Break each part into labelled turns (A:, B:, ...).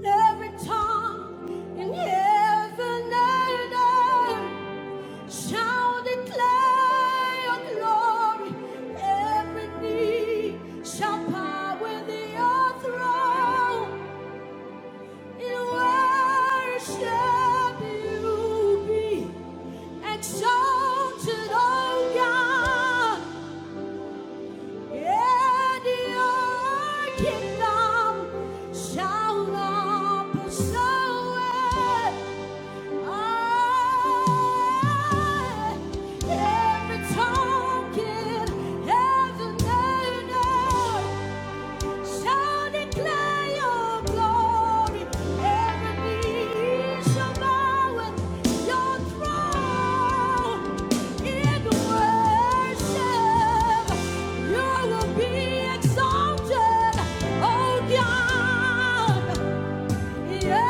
A: Every tongue and every name. shall declare your glory. Every knee shall bow within your throne. In worship you be exalted, O God. And your kingdom shall not pass away be Exalted, oh God. Shall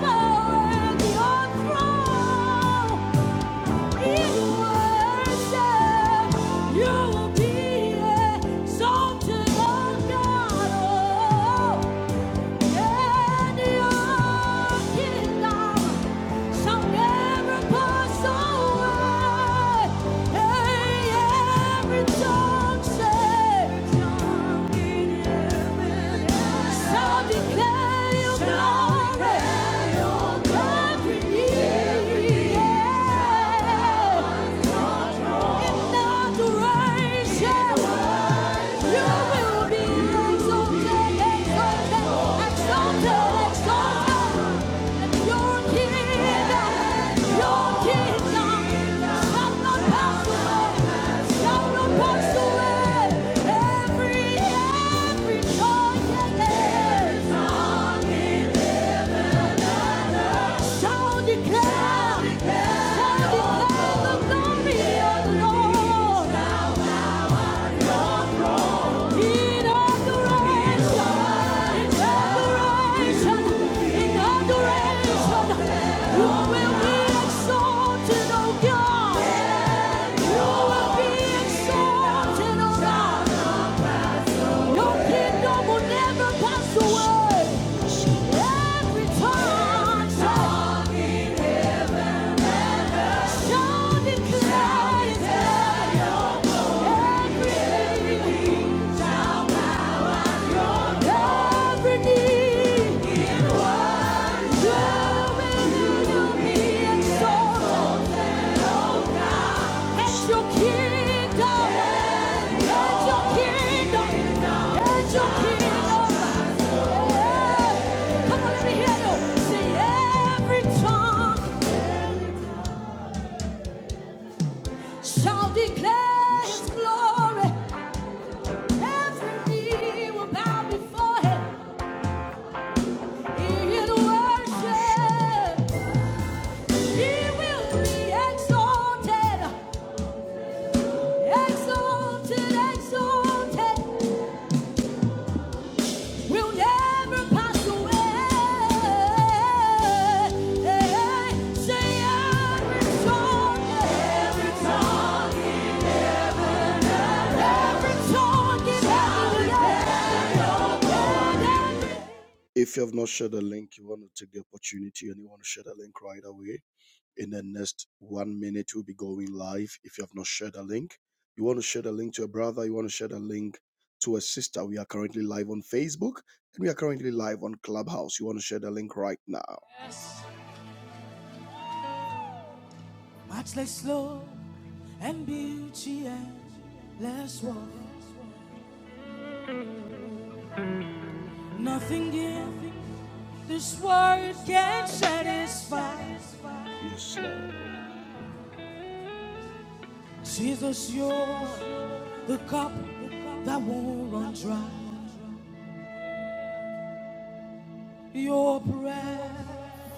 A: bow at your throne. You will be exalted, oh God. Oh. Yeah. Declare, shall declare the glory of the Lord. Every time, shall every knee every knee will bow before him. in worship. He will be exalted, exalted, exalted. Will never pass away. Say, every tongue, every every tongue, every tongue, every tongue. If you have not shared the link, you want to take the opportunity and you want to share the link right away. In the next one minute, we'll be going live. If you have not shared the link, you want to share the link to a brother, you want to share the link to a sister. We are currently live on Facebook and we are currently live on Clubhouse. You want to share the link right now. Yes, Lord.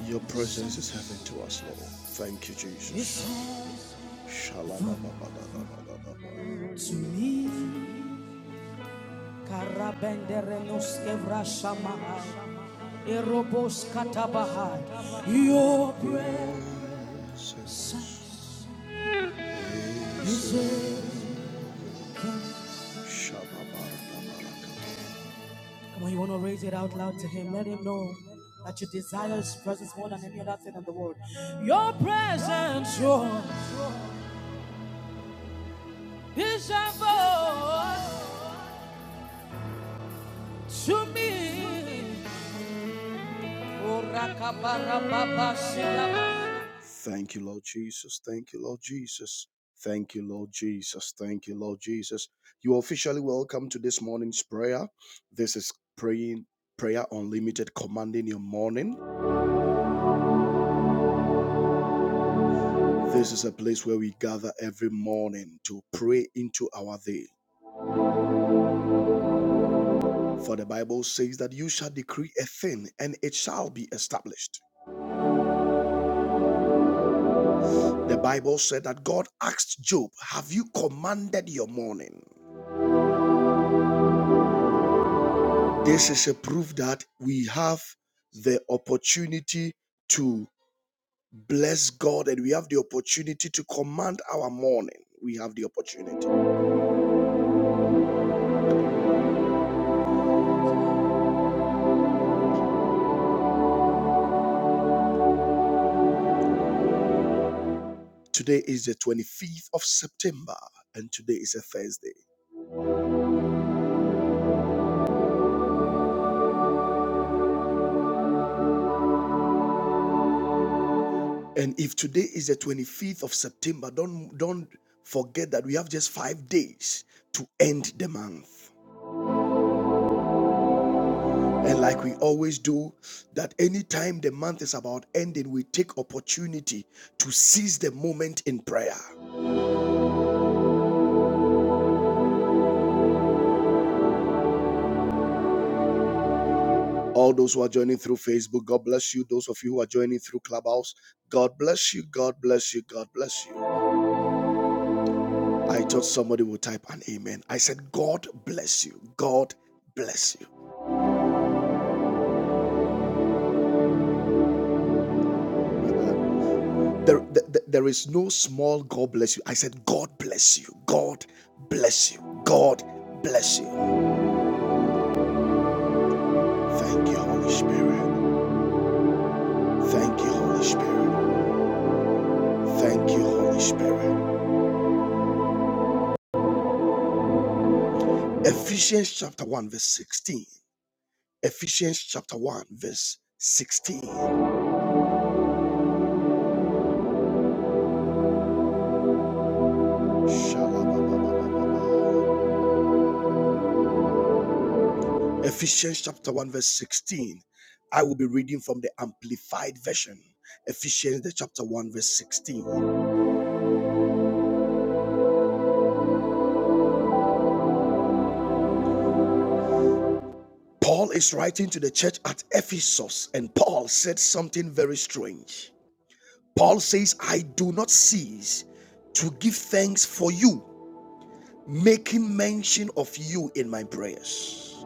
A: Your presence is heaven to us, Lord. Thank you, Jesus. Shalabababababababa. Thank you, Lord Jesus. Thank you, Lord Jesus. Thank you, Lord Jesus. Thank you, Lord Jesus. You are officially welcome to this morning's prayer. This is praying prayer unlimited commanding your morning. This is a place where we gather every morning to pray into our day. For the Bible says that you shall decree a thing and it shall be established. The Bible said that God asked Job, Have you commanded your morning? This is a proof that we have the opportunity to bless God and we have the opportunity to command our morning. We have the opportunity. Today is the 25th of September and today is a Thursday. And if today is the 25th of September, don't don't forget that we have just 5 days to end the month. And like we always do, that anytime the month is about ending, we take opportunity to seize the moment in prayer. All those who are joining through Facebook, God bless you. Those of you who are joining through Clubhouse, God bless you. God bless you. God bless you. I thought somebody would type an amen. I said, God bless you. God bless you. There, there there is no small God bless you. I said, God bless you. God bless you. God bless you. Thank you, Holy Spirit. Thank you, Holy Spirit. Thank you, Holy Spirit. Ephesians chapter 1, verse 16. Ephesians chapter 1, verse 16. Shalabababababa. Ephesians chapter 1, verse 16. I will be reading from the Amplified Version. Ephesians the chapter 1, verse 16. Paul is writing to the church at Ephesus, and Paul said something very strange. Paul says, I do not cease to give thanks for you, making mention of you in my prayers.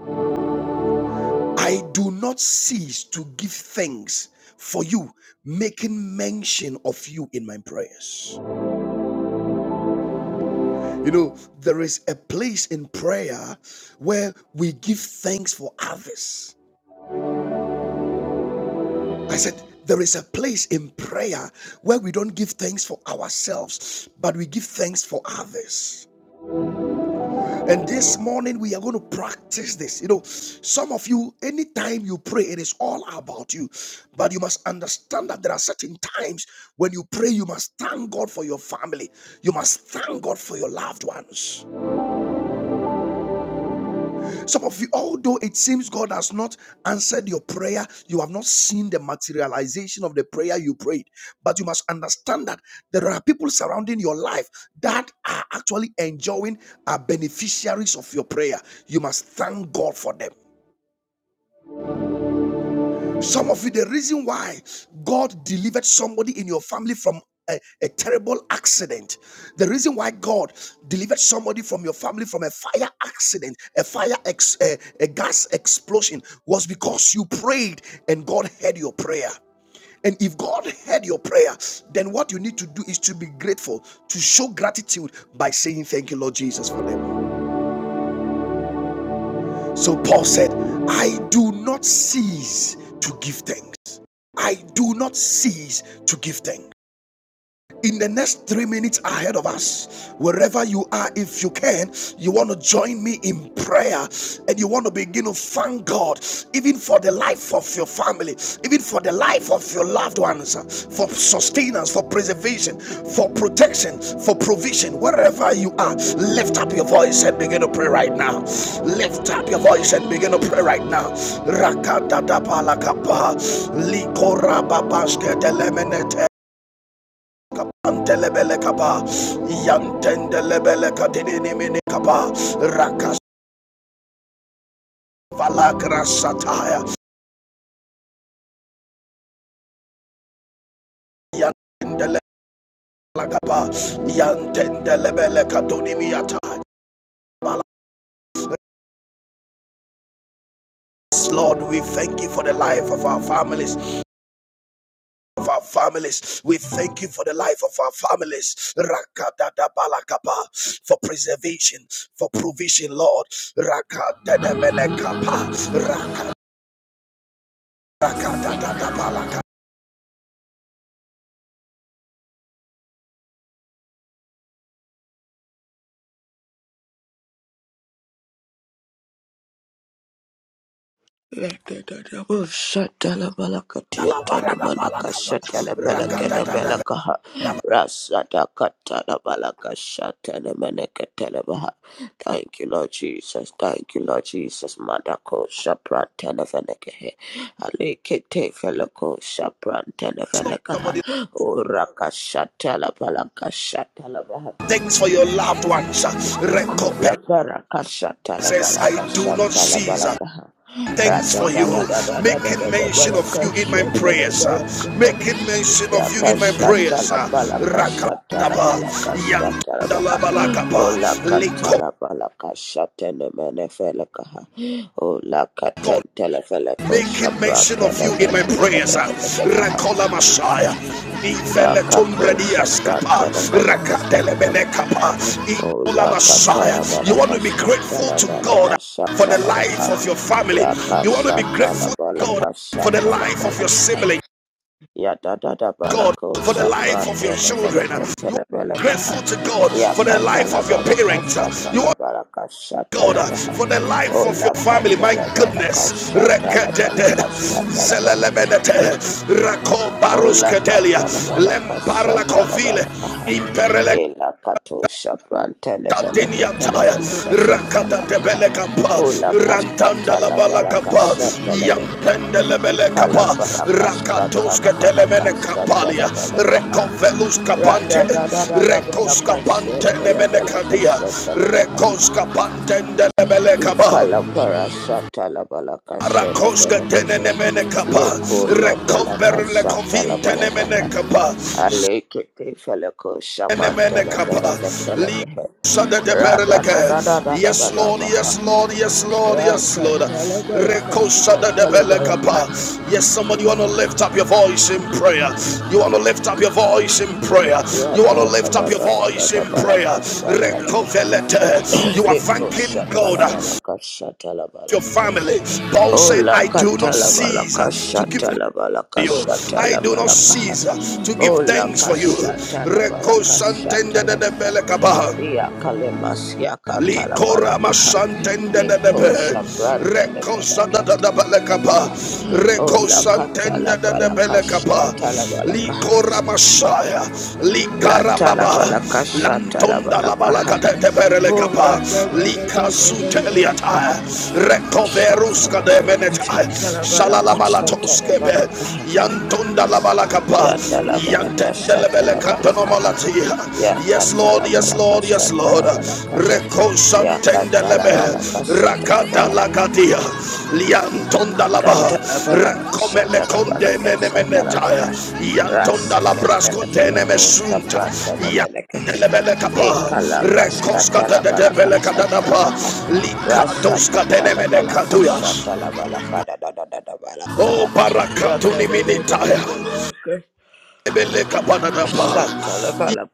A: I do not cease to give thanks for you, making mention of you in my prayers. You know, there is a place in prayer where we give thanks for others. I said, there is a place in prayer where we don't give thanks for ourselves, but we give thanks for others. And this morning we are going to practice this. You know, some of you, anytime you pray, it is all about you. But you must understand that there are certain times when you pray, you must thank God for your family, you must thank God for your loved ones. Some of you, although it seems God has not answered your prayer, you have not seen the materialization of the prayer you prayed. But you must understand that there are people surrounding your life that are actually enjoying, are beneficiaries of your prayer. You must thank God for them. Some of you, the reason why God delivered somebody in your family from a, a terrible accident, the reason why God delivered somebody from your family from a fire accident, a fire, ex, a, a gas explosion, was because you prayed and God heard your prayer. And if God heard your prayer, then what you need to do is to be grateful, to show gratitude by saying, Thank you, Lord Jesus, for them. So Paul said, I do not cease to give thanks. I do not cease to give thanks in the next three minutes ahead of us, wherever you are, if you can, you want to join me in prayer and you want to begin to thank God, even for the life of your family, even for the life of your loved ones, uh, for sustenance, for preservation, for protection, for provision. Wherever you are, lift up your voice and begin to pray right now. Lift up your voice and begin to pray right now. Rakadadapalakapa, likorababasketelemenete, Antelebele kapa, yantendelebele katini nimini kapa, rakas valagra sataya, yantendele kapa, yantendelebele katuni miyata. Yes, Lord, we thank you for the life of our families. Of our families, we thank you for the life of our families. Rakadadabalakapa, for preservation, for provision, Lord. Rakadadabalakapa,
B: Shatala balakatia tala manaka shatala balakada balakaha rasada katala balaka shatala manaka telebaha. Thank you, Lord Jesus. Thank you, Lord Jesus. Madako Shapran Televenekahe. Alikite Felako Shapran Televenekaha.
A: Somebody,
B: Uraka Shatala Balaka Shatala baha.
A: thanks for your loved ones.
B: Iko
A: Recompenses
B: la bara kashata la bala
A: I do not
B: kashata la
A: cease.
B: bala kaha.
A: Thanks
B: Rata
A: for
B: da da
A: you.
B: da da da da
A: Making
B: da da
A: mention
B: bala
A: of you in my
B: kashata la
A: prayers.
B: bala kaha.
A: Making mention
B: Ya
A: of you in my
B: kashata
A: prayers.
B: la bala kashata la
A: Rakataba.
B: bala kashata la baha.
A: Yantalabalakaba.
B: Ola kata
A: Liko.
B: la bala kashata ne mene fele kaha. Ola kata tele fele ko
A: making
B: shapra
A: mention of you
B: tele
A: in my
B: fele kene
A: prayers. ah.
B: tele kene baha.
A: Rakola Messiah.
B: Ya
A: Ifele
B: kato
A: tumbredia
B: shapra
A: skapa.
B: tele fele kene tele
A: Rakatele
B: fele kaha. Ola katala bala
A: You want to be grateful
B: kashatala
A: to
B: bala
A: God for the
B: kashatala
A: life
B: baha
A: of your family.
B: ya
A: You want to be
B: kashatala
A: grateful to
B: bala
A: God for the
B: kashatala
A: life of
B: bala
A: your
B: kaha
A: sibling.
B: ya da da da bala
A: God
B: ko
A: for the life
B: shapran
A: of your
B: tele
A: children.
B: fele
A: You
B: ke
A: want
B: tele
A: to be
B: bala kaha
A: grateful to God
B: ya
A: for the life
B: katala
A: of your
B: bala
A: parents. You
B: kashatala bala
A: God,
B: kashatala
A: uh,
B: baha
A: for the life of
B: ola
A: your family. My
B: katala bala
A: goodness.
B: kashatala bala
A: Rekatete,
B: kashatala baha
A: zelelemenete, rakobarus
B: Ola
A: ketelia,
B: katala balaka
A: lemparla
B: shatala
A: kovile,
B: balaka ha.
A: imperele
B: Ela kato shapran telefeleke
A: katinia taya,
B: telefeleke shala
A: rakata
B: balaka ha.
A: tebele kapa,
B: Ola
A: rantanda la
B: kashatala
A: bala
B: balaka
A: kapa,
B: shatala
A: yampende
B: behe.
A: lebele
B: Ikala
A: kapa,
B: balaka
A: rakatos
B: shatala malaka
A: ketelemene
B: shatala
A: kapalia,
B: balaka ha.
A: rekovelus
B: Ra da
A: kapante,
B: da da da da
A: rekos
B: balaka
A: kapante
B: shatala
A: nemene
B: balaka
A: kadia,
B: shatala baha.
A: rekos kapante ndelebele kapa.
B: Ikala parashata la balaka shela
A: Rakoska
B: balaka he.
A: tenemene kapa,
B: Leko la balaka
A: rekomber le
B: shata la
A: kovin
B: balaka
A: tenemene
B: ha.
A: kapa,
B: Aleke te feleko shamanta
A: tenemene
B: la
A: kapa,
B: felaka telebehe. Rada da da da da da da
A: Yes
B: da
A: Lord, yes
B: baha.
A: Lord, yes Lord, yes
B: Raka
A: Lord.
B: tala balaka
A: Rekosa de de
B: shata la
A: bele
B: balaka.
A: Yes, somebody you want to lift up your voice in prayer. You want to lift up your voice in prayer.
B: Ya
A: You want to
B: da da
A: lift up
B: da
A: your
B: da da da
A: voice in
B: da
A: prayer.
B: balaka shata la
A: Rekovelete. You are
B: Leko
A: thanking
B: shata
A: God
B: la balaka shata la
A: your
B: balaka.
A: family. Paul
B: Oh,
A: said,
B: la
A: I do not
B: katala
A: cease
B: balaka
A: to give
B: shatala balaka
A: you. I
B: shatala
A: do not
B: balaka.
A: cease to give
B: Oh, la
A: thanks for you.
B: kashatala balaka
A: Rekosantende de
B: shatala
A: de
B: balaka.
A: belekaba.
B: Ya kalemas ya katala
A: Likora
B: balaka.
A: masantende de de
B: Leko shabranta de
A: rekosa da
B: fenaka
A: da da
B: tala
A: bele kapa,
B: balaka. Oh, la katala
A: rekosantende de de
B: balaka
A: bele
B: shatala balaka.
A: likora masaya,
B: La
A: likara
B: tala
A: baba,
B: balaka shatala
A: lantonda la bala
B: balaka.
A: kate de berele
B: Oh,
A: kapa,
B: la da da da da da da
A: likasutelia
B: balaka.
A: ta, rekoveruska de
B: Shatalabalaka,
A: meneta,
B: shatalabalaka,
A: shalala malatoske be,
B: shatalabalaka.
A: yantonda la bala kapa,
B: Ya
A: Yes
B: talabalaka, shatalabalaka. Ya
A: Lord, Yes, Lord, yes, Lord, yes, Lord.
B: Yakatala balakashatala
A: Rekosantendelebe.
B: balakaha.
A: Rakadalakadia. Liantondalaba.
B: Shut
A: Rekomele kondenenemenetaya. Yantondalabraskotenemesunta.
B: up,
A: Yandelebele kapa. Rekoskatadedebelekadadapa. Likadoskatenemenekaduyas. Oh, barakatuni minitaya.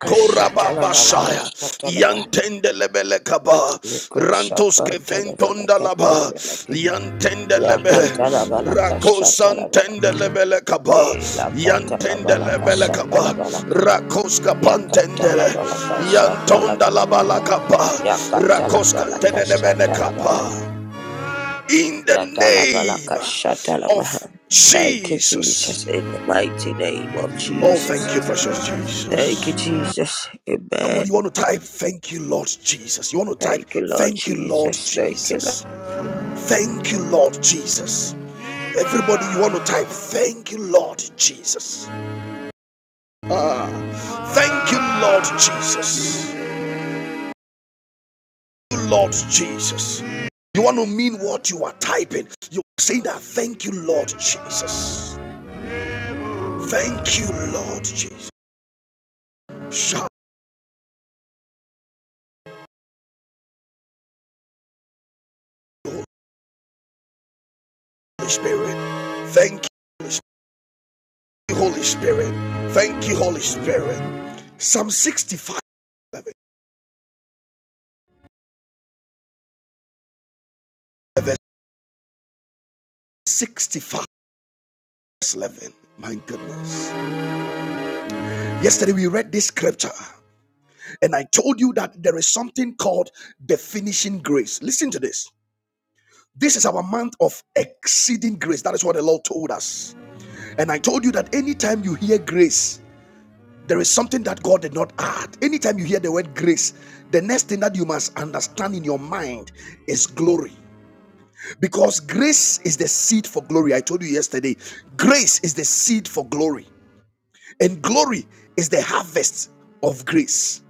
A: Korababashaya, Yantende lebele kaba,
B: Niko
A: Rantos
B: Shabbat,
A: keventonda laba,
B: Televeleke,
A: Yantende lebe,
B: Yakatala Balaka, Shatala
A: Rakosan
B: Balaka.
A: tende lebele kaba,
B: Eh, la kata la
A: Yantende
B: balaka
A: lebele
B: shata la
A: kaba,
B: balaka
A: Rakoska
B: ya kata la
A: pantendele,
B: balaka shata la
A: Yantonda
B: balaka
A: labala kaba,
B: ya kata la
A: Rakoska
B: balaka
A: tenedebele
B: shata la balaka
A: kaba. In the
B: ya kata la
A: name
B: labalakasha talabalaka.
A: of
B: la labalakasha talabalaka. Yakata labalakasha talabaha. Yata labalakasha talabaha. Thank you,
A: Jesus.
B: Jesus, in the mighty name of
A: Oh,
B: Jesus.
A: thank you, precious
B: Thank
A: Jesus.
B: you, Jesus. Amen.
A: Somebody, you want to type, Thank you, Lord Jesus. You want to type,
B: Thank you, Lord
A: Thank you, Lord
B: Jesus. Thank you, Lord.
A: Jesus. Thank you, Lord Jesus. Everybody, you want to type, Thank you, Lord Jesus. Ah, thank you, Lord Jesus. Thank you, Lord Jesus. You want to mean what you are typing. You are saying that, Thank you, Lord Jesus. Thank you, Lord Jesus. Shout, Holy Spirit. Thank you, Holy Spirit. Thank you, Holy Spirit. Thank you, Holy Spirit. Psalm 65. 11. Verse 65, 11. My goodness. Yesterday we read this scripture, and I told you that there is something called the finishing grace. Listen to this. This is our month of exceeding grace. That is what the Lord told us. And I told you that anytime you hear grace, there is something that God did not add. Anytime you hear the word grace, the next thing that you must understand in your mind is glory. Because grace is the seed for glory. I told you yesterday, grace is the seed for glory. And glory is the harvest of grace.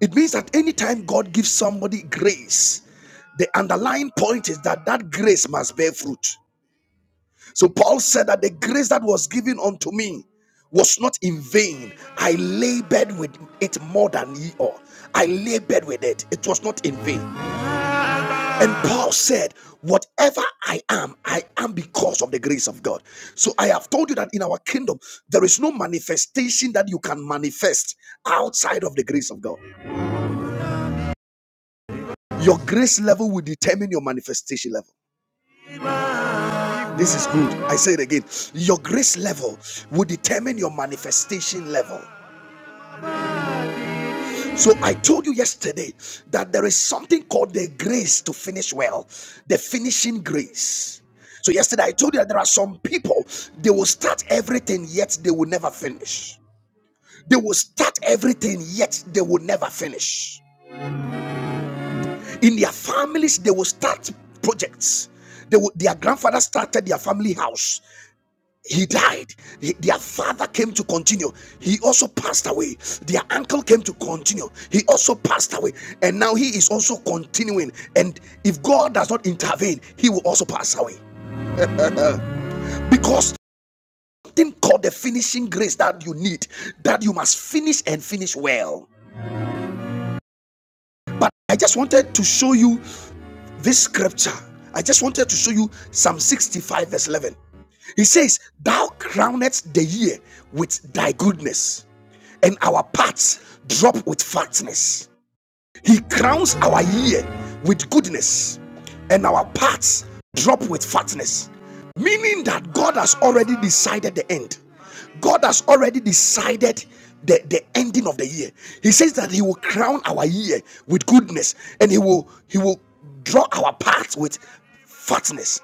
A: It means that anytime God gives somebody grace, the underlying point is that that grace must bear fruit. So Paul said that the grace that was given unto me was not in vain. I labored with it more than ye all. I labored with it. It was not in vain. And Paul said, Whatever I am, I am because of the grace of God. So I have told you that in our kingdom, there is no manifestation that you can manifest outside of the grace of God. Your grace level will determine your manifestation level. This is good. I say it again. Your grace level will determine your manifestation level. So I told you yesterday that there is something called the grace to finish well, the finishing grace. So yesterday I told you that there are some people they will start everything yet they will never finish. They will start everything yet they will never finish. In their families they will start projects. They will, their grandfather started their family house. he died He- their father came to continue he also passed away their uncle came to continue he also passed away and now he is also continuing and if god does not intervene he will also pass away because something called the finishing grace that you need that you must finish and finish well but i just wanted to show you this scripture i just wanted to show you psalm 65 verse 11 he says, Thou crownest the year with thy goodness. and our parts drop with fatness. He crowns our year with goodness, and our parts drop with fatness. Meaning that God has already decided the end. God has already decided the, the ending of the year. He says that He will crown our year with goodness, and He will He will draw our parts with fatness.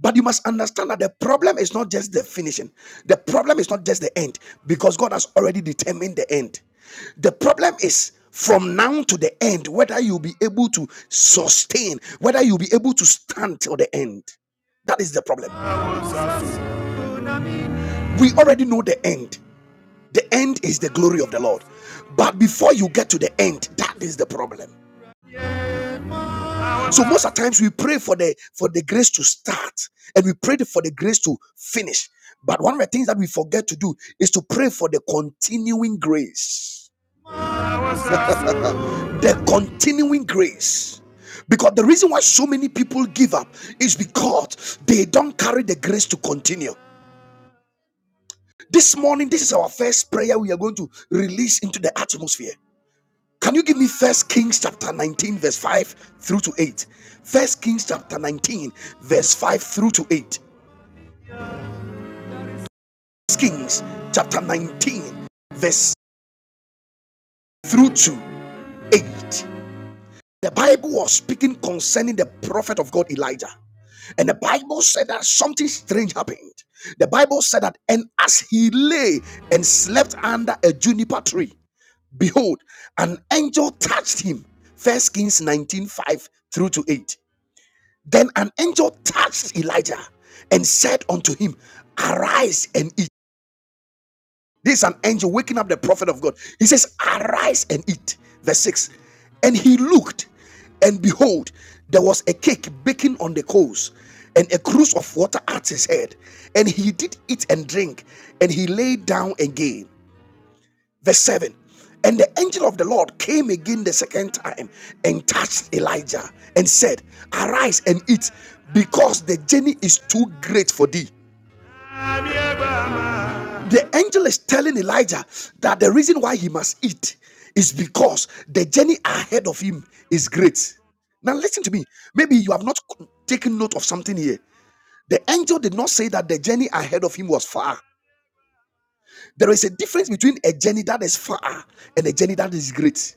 A: But you must understand that the problem is not just the finishing. The problem is not just the end because God has already determined the end. The problem is from now to the end whether you'll be able to sustain, whether you'll be able to stand till the end. That is the problem. We already know the end. The end is the glory of the Lord. But before you get to the end, that is the problem. So most of the times we pray for the for the grace to start and we pray for the grace to finish. But one of the things that we forget to do is to pray for the continuing grace. the continuing grace. Because the reason why so many people give up is because they don't carry the grace to continue. This morning, this is our first prayer we are going to release into the atmosphere. Can you give me First Kings chapter 19, verse 5 through to 8? First Kings chapter 19, verse 5 through to 8. First Kings chapter 19, verse through to 8. The Bible was speaking concerning the prophet of God Elijah. And the Bible said that something strange happened. The Bible said that, and as he lay and slept under a juniper tree, behold, an angel touched him. First Kings 19 5 through to 8 Then an angel touched Elijah and said unto him, Arise and eat. This is an angel waking up the prophet of God. He says, Arise and eat. Verse 6. And he looked, and behold, there was a cake baking on the coals, and a cruse of water at his head. And he did eat and drink, and he lay down again. Verse 7. And the angel of the Lord came again the second time and touched Elijah and said, Arise and eat, because the journey is too great for thee. The angel is telling Elijah that the reason why he must eat is because the journey ahead of him is great. Now, listen to me. Maybe you have not taken note of something here. The angel did not say that the journey ahead of him was far. There is a difference between a journey that is far and a journey that is great.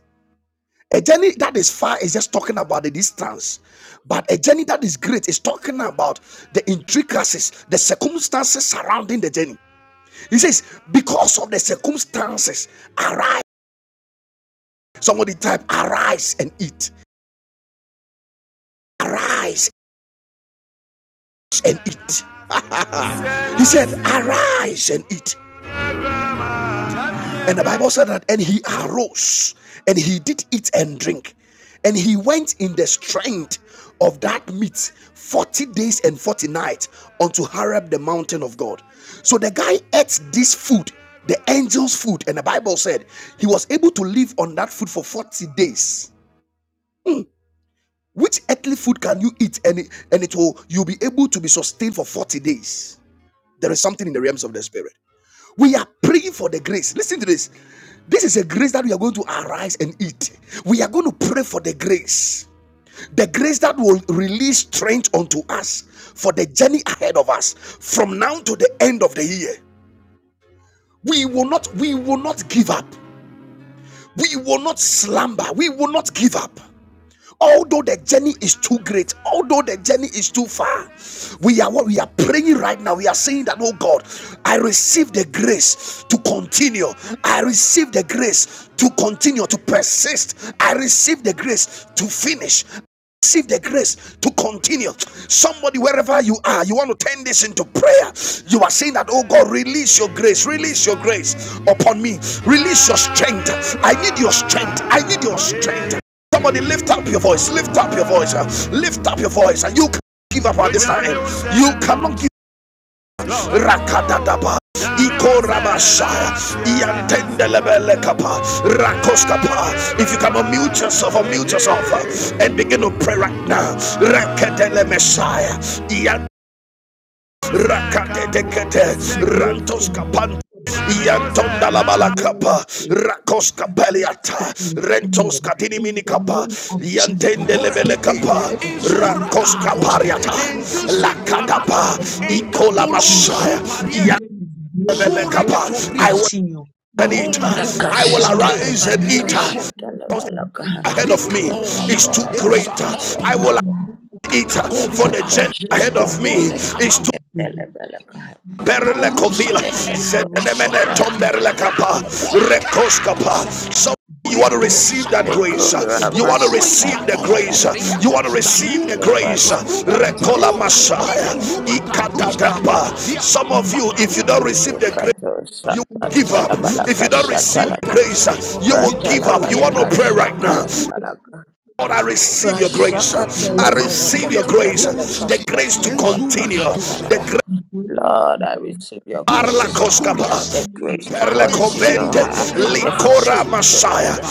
A: A journey that is far is just talking about the distance, but a journey that is great is talking about the intricacies, the circumstances surrounding the journey. He says, Because of the circumstances, arise. Somebody type, Arise and eat. Arise and eat. He said, Arise and eat. And the Bible said that, and he arose and he did eat and drink. And he went in the strength of that meat 40 days and 40 nights unto Harab, the mountain of God. So the guy ate this food, the angel's food. And the Bible said he was able to live on that food for 40 days. Which earthly food can you eat and it, and it will you'll be able to be sustained for 40 days? There is something in the realms of the spirit. We are praying for the grace. Listen to this. This is a grace that we are going to arise and eat. We are going to pray for the grace. The grace that will release strength unto us for the journey ahead of us from now to the end of the year. We will not we will not give up. We will not slumber. We will not give up. Although the journey is too great, although the journey is too far, we are what we are praying right now. We are saying that, oh God, I receive the grace to continue. I receive the grace to continue, to persist. I receive the grace to finish receive the grace to continue. Somebody, wherever you are, you want to turn this into prayer. You are saying that, oh God, release your grace, release your grace upon me, release your strength. I need your strength. I need your strength. Somebody lift up your voice, lift up your voice, uh, lift up your voice, and uh, you can give up at this time. You cannot give up. rakadadaba. Ikorabashaya, Iantendelebele kapa, Rakoskapa. If you can unmute yourself, unmute yourself uh, and begin to pray right now. Rekedele Messiah, Ian. Rakatetekete,
C: grace
A: Rantos
C: in the
A: Kapan. Yantonda la balakapa,
C: continuity.
A: rakos
C: Grace
A: kapeliata,
C: to be
A: rentos
C: appealed.
A: katini
C: In
A: mini
C: the
A: kapa,
C: name of Jesus,
A: yantende lebele
C: quicken,
A: kapa,
C: Lord,
B: Shata
C: if
B: la
C: we
B: balaka.
C: cannot
A: rakos
C: feel the way.
A: kapariata,
C: I give
A: la
C: grace in
A: kadapa,
C: the name of
A: ikola
C: Jesus.
A: masaya,
C: Grace, grace,
A: yantebele kapa.
C: grace to
A: I will
C: continue.
A: and
C: In the
A: eat.
B: Laka
C: name
A: I
C: of
A: will
B: shata la
C: Jesus,
A: arise
B: balaka shata
A: and
B: la
A: eat.
C: grace to grace to
A: Because
B: Shatalabaha. Lakasha
C: continue.
A: ahead of me
C: We are
A: is
C: ready
A: too great.
C: and we
B: talabalakasha
C: are
A: I
B: talabalaka. Yakata labalakasha
A: will
B: talabaha.
C: ready.
A: eat for the
B: Lekato
C: We
A: gent
C: just
A: ahead
C: need
A: of me
B: shabrantele
A: is too
B: ketele belekaha.
C: name
A: perle
C: of
A: kovila
C: Jesus, I will
B: Lekato
C: arise
A: zenemene
C: and speak.
B: shabrantele
A: tomberle kapa
C: The
B: ketele.
C: demon
A: rekos kapa so you want to receive that
C: is
A: grace.
C: not in
B: Lekora
C: fear.
A: You want to
B: masaka
A: receive the
B: tala
A: grace. You
B: belekaha.
A: want to receive the grace.
B: Yomaskia tele
A: Recola Messiah.
B: ketele ketele.
A: Some of you,
C: It
A: if
C: is
A: you don't
C: not in fear. This morning,
A: receive the grace,
B: Lekato
A: you
C: In
A: will give up.
B: shabrantele
A: If
B: beleka
A: you don't
C: the
A: receive
B: shatala
A: the
B: ba.
A: grace,
C: name of
A: you will give
B: Ratala
A: up. You want to
B: beleka
A: pray right now.
B: shatala
C: Jesus,
B: beleka.
A: Lord, I receive your grace.
B: Rasaka
C: the
B: tele
A: I
C: glory is
B: beleka
A: receive
C: in
A: your
C: the name
B: tele
A: grace.
C: of
B: beleka
C: Jesus
A: The grace to
B: shatala
C: to
B: beleka
A: continue.
C: God.
A: The
B: shatala
A: grace
C: The glory is
B: Lord,
C: in
B: I
C: the name
B: receive your
A: Parla
B: grace,
C: of Jesus to
B: uh,
A: Koskapa.
B: the
C: continue in
B: grace to
C: what
A: Perle
C: i
B: continue,
A: covente,
B: uh, the
A: licora
B: finishing grace,
A: masaya,
B: uh,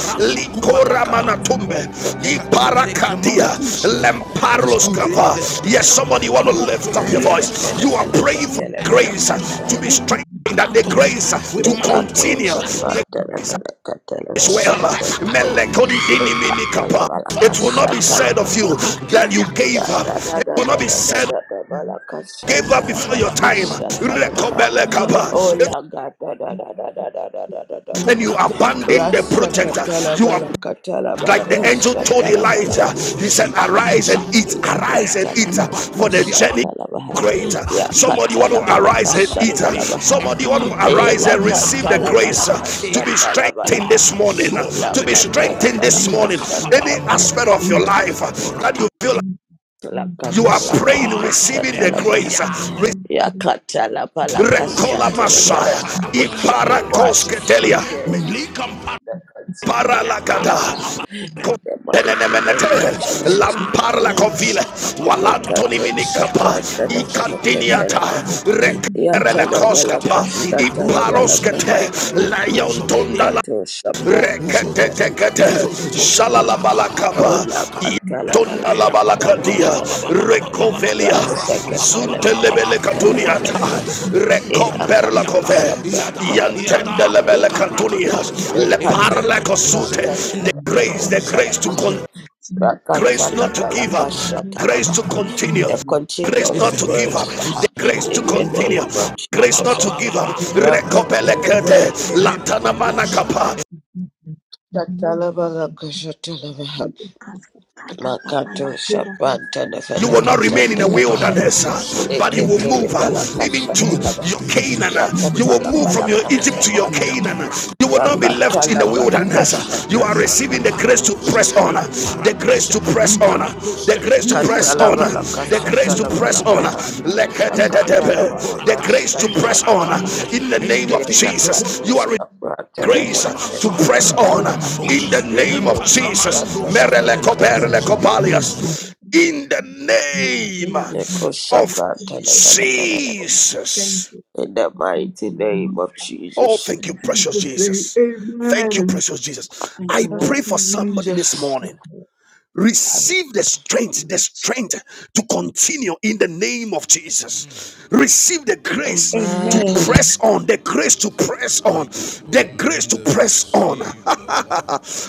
B: in the
A: licora
B: mighty name
A: manatumbe,
B: of Jesus.
A: iparacatia,
B: Make us
A: lemparlos
B: yourself on
A: kava.
B: the Lord, the
A: Yes,
B: level
A: somebody
B: the
A: want to lift up your voice. You are praying for
C: In the
A: grace uh,
C: name
A: to
B: Alekatelefeleketelefeleketelefele.
A: be strengthened, that the
C: of Jesus.
A: grace uh, to
B: Lekato
A: continue, the
B: sabatele
A: grace
B: katele
A: as
B: vele
A: well.
B: katele vaha.
A: Melekodi dini
C: Thank
B: Lekatala malaka
A: It will not be
B: satala
A: said of you
B: malaka.
A: that you gave
B: Ya
A: up.
B: da da
A: It
B: da
A: will not
B: da
A: be
B: da da
A: said
B: da da malaka
A: gave up
B: satala
A: before your
B: malaka
A: time.
B: satala vaha.
A: Rekobele kapa. It
B: Ola ga da da da da da da da da Ola
A: When
B: ga
A: you abandon the
B: Rasa
A: project.
B: katala
A: You are
B: balakatala
A: like the angel told
B: balakashatala
A: Elijah,
B: balaka.
A: he said, Arise and eat, arise and eat for the journey.
B: Yakatalabalakashatalabaha.
A: Great. Somebody want to arise and eat.
B: Yakatalabalakashatalabaha.
A: Somebody want to arise and receive the grace to be strengthened this
B: Elakatalabalakshatalabalakaha.
A: morning. To be strengthened this morning. Any
B: Lakatalabalakashatalabaha.
A: aspect of your life that you feel like you are praying, receiving the
B: Lakatalabalakashatalabaha.
A: grace. Recola Messiah.
B: Yakatalabalakshatalabakaha. Oh, I
A: Iparakoske
B: receive
A: Delia.
B: grace that continue in grace. In
A: paralakata
B: the mighty name of
A: Tenenemenete,
B: Jesus.
A: Lamparla Covile, Walantoni
B: Nikato
A: Minicapa,
B: shabranta nasana
A: Icantiniata,
B: katana baha.
A: Recarele
B: Yatana balaka
A: Coscapa,
B: shatana
C: you.
B: balaka.
A: Ipaloskete, Layon
B: Nikato shabranta nasana
A: reketetekete
B: katana
C: Thank
B: balaka.
A: shalalabalakapa
B: Ola katana balaka shatana
A: Tondalabalakadia,
B: balaka.
A: Recovelia,
B: Rasaka tele belaka tele
A: Zuntelebelekatunia,
B: belaka. Ina kato
A: Recomperlacove,
B: shabranta tele belaka tele belaka.
A: Yantendelebelekatunia,
B: Nikato
A: Leparlacosute,
B: shabranta
A: the
B: nasana
A: grace,
B: katana
A: the grace to
B: balaka.
A: con- grace not to give up, grace to
B: Rakatalabalakashatalabaha.
A: continue,
B: The
A: grace
B: continual
A: not to give up,
B: grace
A: the
B: ah,
A: grace to
B: in the
A: continue.
B: name of
A: Grace not
B: Jesus.
A: to give up. Recopelekete, Latana manakapa,
C: you.
B: Rakatalabalakashatalabaha.
C: Thank you.
B: Makato
A: You will not remain in the
B: shapantanefeneketendelebaha.
A: wilderness, uh, but you will move uh, even to
B: Leketelebelakashatalabaha.
A: your Canaan. uh, You will move from your Egypt to your
B: Yakatalabalakashatalabaha.
A: Canaan. uh, You will not be left in the wilderness. uh, You are
B: Yakatalabalakashatalabaha.
A: receiving the grace to press on, uh, the grace to press on, uh, the grace to press on, uh,
B: Yakatalabalaka
A: the grace to press on, uh,
B: shatalabalakaha.
A: lekete- the
B: Yakatalabalaka
A: grace to press on uh,
B: shatalabalakaha.
A: in the name of Jesus. You are grace to
C: Thank
A: press on
C: you.
B: Elakatoshapratelefelekelefelekaha.
A: in the name of Jesus. Merele koperele
B: Yekoshapratelefelekelefelekaha.
A: kopalias. In the name of
B: Yekoshapratelefelekelefelekaha.
A: Jesus.
B: In the
C: Thank
B: mighty
C: you.
B: name of
A: Oh,
B: Jesus.
A: thank you,
C: In
A: precious
C: Jesus' name,
A: Jesus. Thank you,
C: amen.
A: precious Jesus.
C: Thank you,
A: I
C: Lord.
A: pray
B: Thank
A: for
B: you,
A: somebody this
B: Jesus.
A: morning. Receive the strength, the strength to continue in the name of Jesus. Receive the grace to
B: Amen.
C: Amen.
A: press on, the grace to press on, the grace to press on.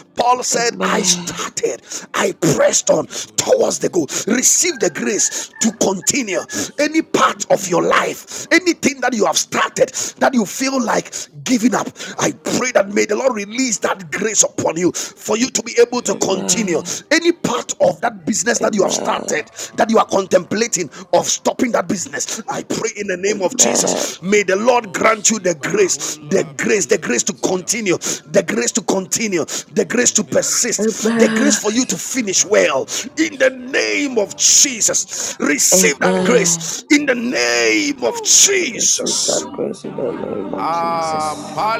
A: Paul said, I
B: Amen.
A: started, I pressed on towards the goal. Receive the grace to continue any part of your life, anything that you have started that you feel like giving up. I pray that may the Lord release that grace upon you for you to be able to continue.
B: Amen.
A: Any part of that business that you have
B: Amen.
A: started, that you are contemplating of stopping that business, I pray in the name of
B: Amen.
A: Jesus. May the Lord grant you the grace, the grace, the grace to continue, the grace to continue, the grace to persist, the
B: Amen.
A: grace for you to finish well. In the name of Jesus, receive that
B: Amen.
A: grace. In the name of
B: I receive that
A: Jesus.
B: grace in the name of
A: Ah,
B: Jesus.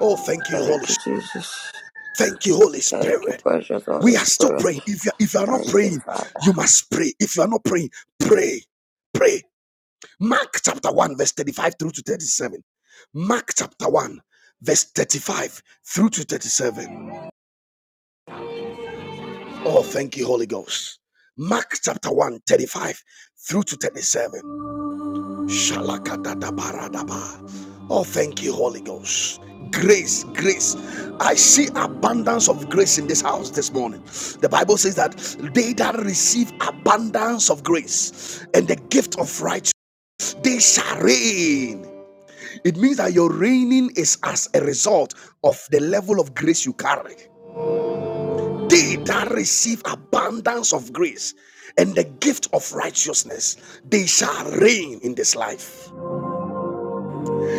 A: Oh, thank you, Holy
B: Thank you,
A: Spirit.
B: Jesus.
A: Thank you, Holy
B: Thank you,
A: Spirit.
B: precious Holy
A: We are still
B: Spirit.
A: praying. If you, if you are not
B: Thank you,
A: praying,
B: Father.
A: you must pray. If you are not praying, pray. Pray. Mark chapter 1, verse 35 through to 37. Mark chapter 1, verse 35 through to 37. Oh, thank you, Holy Ghost. Mark chapter one 35 through to 37. Shalakadabaradaba. Oh, thank you, Holy Ghost. Grace, grace. I see abundance of grace in this house this morning. The Bible says that they that receive abundance of grace and the gift of righteousness, they shall reign. It means that your reigning is as a result of the level of grace you carry. They that receive abundance of grace and the gift of righteousness, they shall reign in this life.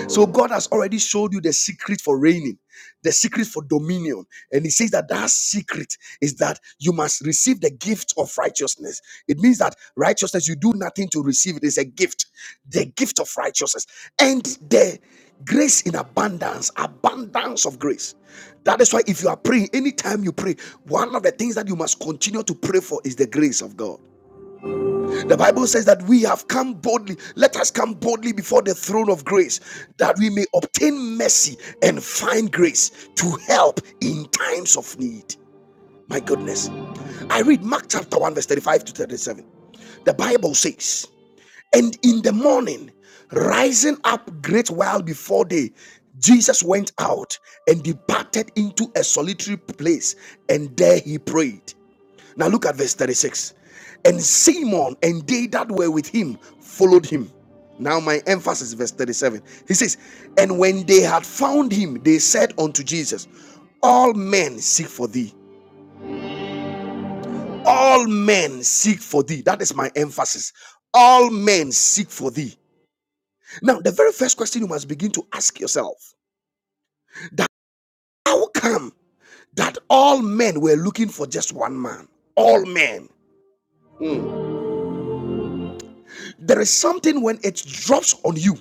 A: So God has already showed you the secret for reigning, the secret for dominion. And he says that that secret is that you must receive the gift of righteousness. It means that righteousness, you do nothing to receive it. It's a gift, the gift of righteousness. And the grace in abundance, abundance of grace. That is why if you are praying, anytime you pray, one of the things that you must continue to pray for is the grace of God. The Bible says that we have come boldly. Let us come boldly before the throne of grace that we may obtain mercy and find grace to help in times of need. My goodness. I read Mark chapter 1, verse 35 to 37. The Bible says, And in the morning, rising up great while before day, Jesus went out and departed into a solitary place, and there he prayed. Now look at verse 36. And Simon and they that were with him followed him. Now my emphasis is verse 37. He says, And when they had found him, they said unto Jesus, All men seek for thee. All men seek for thee. That is my emphasis. All men seek for thee. Now, the very first question you must begin to ask yourself that how come that all men were looking for just one man? All men. There is something when it drops on you.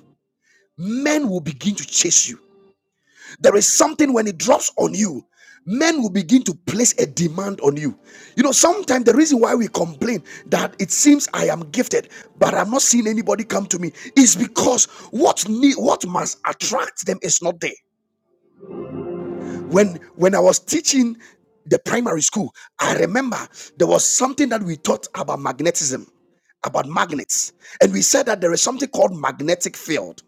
A: men will begin to chase you. There is something when it drops on you, men will begin to place a demand on you. You know, sometimes the reason why we complain that it seems I am gifted, but I'm not seeing anybody come to me is because what need, what must attract them is not there. When when I was teaching the primary school, I remember there was something that we taught about magnetism, about magnets, and we said that there is something called magnetic field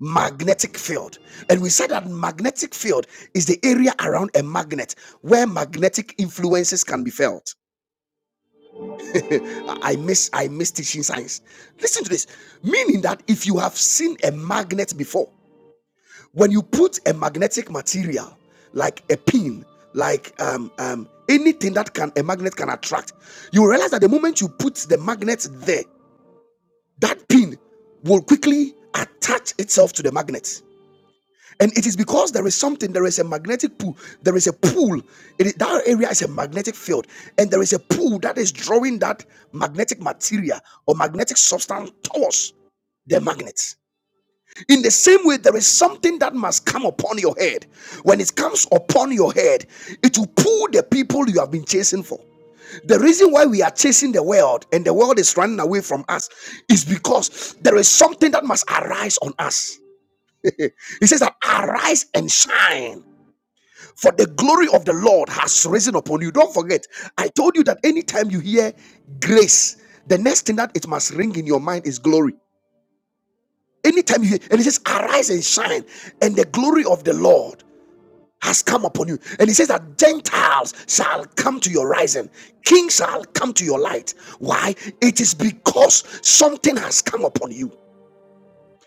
A: magnetic field and we said that magnetic field is the area around a magnet where magnetic influences can be felt i miss i miss teaching science listen to this meaning that if you have seen a magnet before when you put a magnetic material like a pin like um, um, anything that can a magnet can attract you realize that the moment you put the magnet there that pin will quickly attach itself to the magnet And it is because there is something, there is a magnetic pull, there is a pull. It is, that area is a magnetic field, and there is a pull that is drawing that magnetic material or magnetic substance towards the magnet. In the same way, there is something that must come upon your head. When it comes upon your head, it will pull the people you have been chasing for. The reason why we are chasing the world and the world is running away from us is because there is something that must arise on us he says that arise and shine, for the glory of the Lord has risen upon you. Don't forget, I told you that anytime you hear grace, the next thing that it must ring in your mind is glory. Anytime you hear, and he says, arise and shine, and the glory of the Lord has come upon you. And he says that Gentiles shall come to your rising, kings shall come to your light. Why? It is because something has come upon you.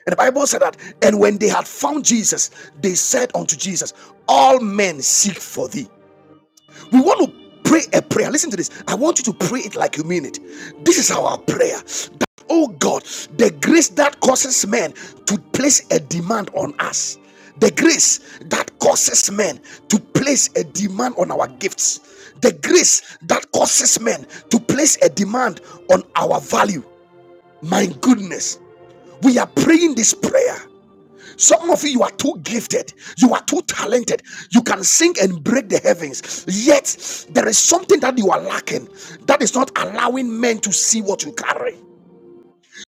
A: And the Bible said that, and when they had found Jesus, they said unto Jesus, All men seek for thee. We want to pray a prayer. Listen to this. I want you to pray it like you mean it. This is our prayer. That, oh God, the grace that causes men to place a demand on us, the grace that causes men to place a demand on our gifts, the grace that causes men to place a demand on our value. My goodness, we are praying this prayer some of you, you are too gifted, you are too talented, you can sing and break the heavens. Yet, there is something that you are lacking that is not allowing men to see what you carry.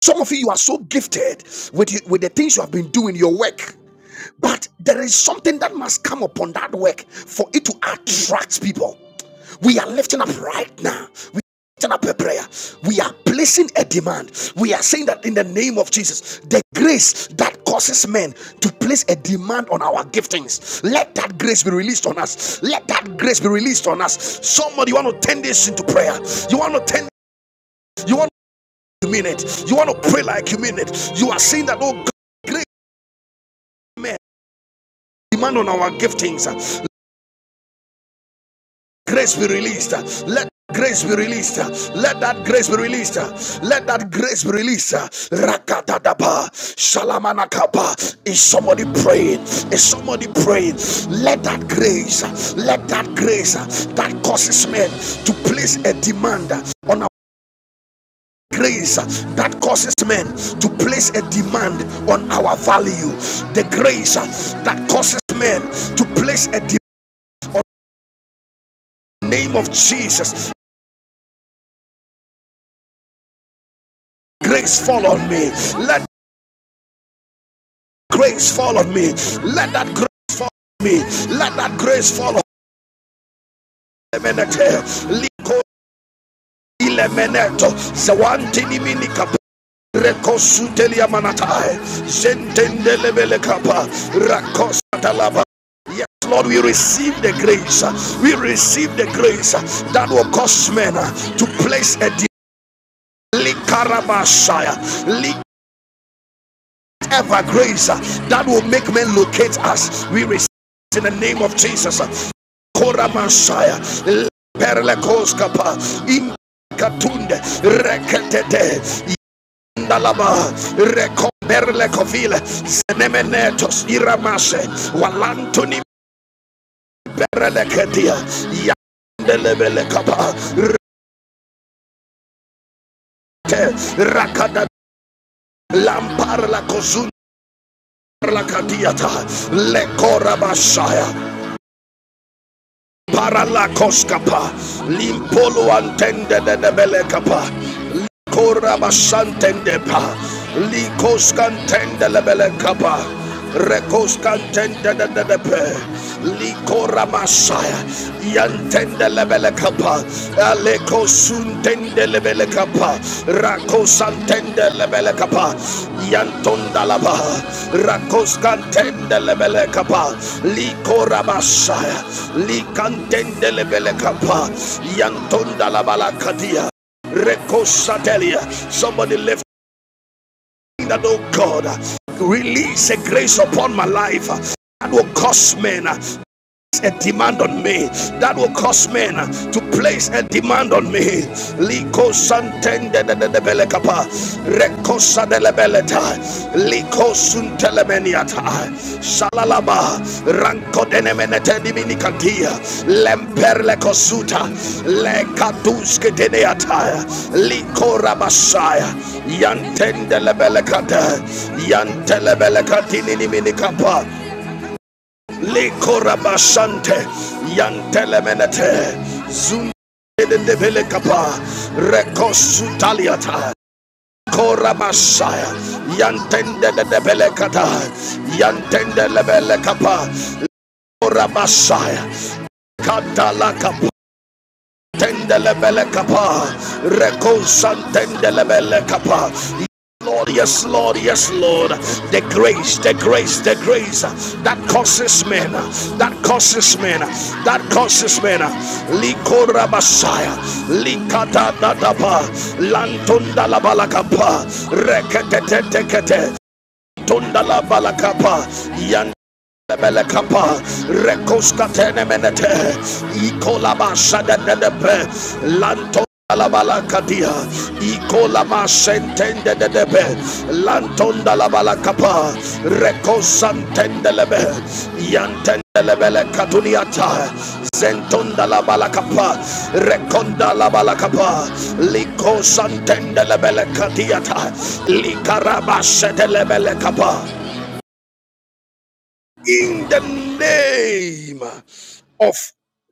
A: Some of you, you are so gifted with, with the things you have been doing, your work. But there is something that must come upon that work for it to attract people. We are lifting up right now. We lifting up a prayer. We are placing a demand. We are saying that in the name of Jesus, the grace that causes men to place a demand on our giftings, let that grace be released on us. Let that grace be released on us. Somebody, you want to turn this into prayer. You want to turn. You want you mean it. You want to pray like you mean it. You are saying that, oh God, great man, demand on our giftings. uh, Grace be released. uh, Let grace be released. uh, Let that grace be released. uh, Let that grace be released. uh, Rakatadaba, Shalamanakapa. Is somebody praying? Is somebody praying? Let that grace, uh, let that grace uh, that causes men to place a demand uh, on our grace uh, that causes men to place a demand on our value the grace uh, that causes men to place a demand on the name of jesus grace fall on me let grace fall on me let that grace fall on me let that grace fall on me ilemeneto zawantinimini kapa rekosutelia manatae zentendelebele kapa rakosatalaba Yes, Lord, we receive the grace. We receive the grace that will cause men to place a Likarabashaya, ever grace uh, that will make men locate us. We receive in the name of Jesus. Kora Messiah, Perlekoskapa, Inkatunde, Reketete, Yandalaba, Rekomberlekovile, Zenemenetos, Iramase, Walantuni, Perleketia, Yandelebelekapa, Reke, Rakada, Lampar la Kozun, Lakadiata, Lekora Messiah. Paralakoskapa, limpolo antende de nebelekapa, Korabashantendepa, Likoskantendelevelekapa, Rekoskantendededepe, Likoramasaya, Yantendelevelekapa, Alekosuntendelevelekapa, Rakosantendelevelekapa, Yantondalaba, Rakos cantendelebele kapa Likoramasaya, Likantendelebelekapa, Yantondalabalakadia, Recosatelia. Somebody lift that, oh God, release a grace upon my life that will cause men a demand on me that will cause men to place a demand on me liko santende de de de belekapa reko sadelebeleta liko suntelemeniata shalalaba ranko denemenete diminikatia lemperle kosuta lekatuske deneata liko rabasaya yantende lebelekata yantele belekatini Likorabashante Yantelemenete Zundevele Kapa Rekosutaliata Korabashaya Yantende Debele Kata Yantende Lebele Kapa Korabashaya Katalakapa tendelebele kapa rekonsan tendelebele kapa Lord, yes, Lord, yes, Lord. The grace, the grace, the grace that causes men, that causes men, that causes men. Likora Messiah, Likata Nadaba, Lantunda la balakapa, Rekete Tunda la balakapa, Yan Belekapa, Rekoska Tenemenete, Ikolaba Sadenepe, Lanto Alabalakatia, Ikolama Sentendepe, Lantonda Labalakapa, Rekosantendelebe, Yantendelebele Katuniata, Zentonda Labalakapa, Rekonda la Labalakapa, Likosantendelebele Katiata, Likaraba Sedelebele Kapa in the name of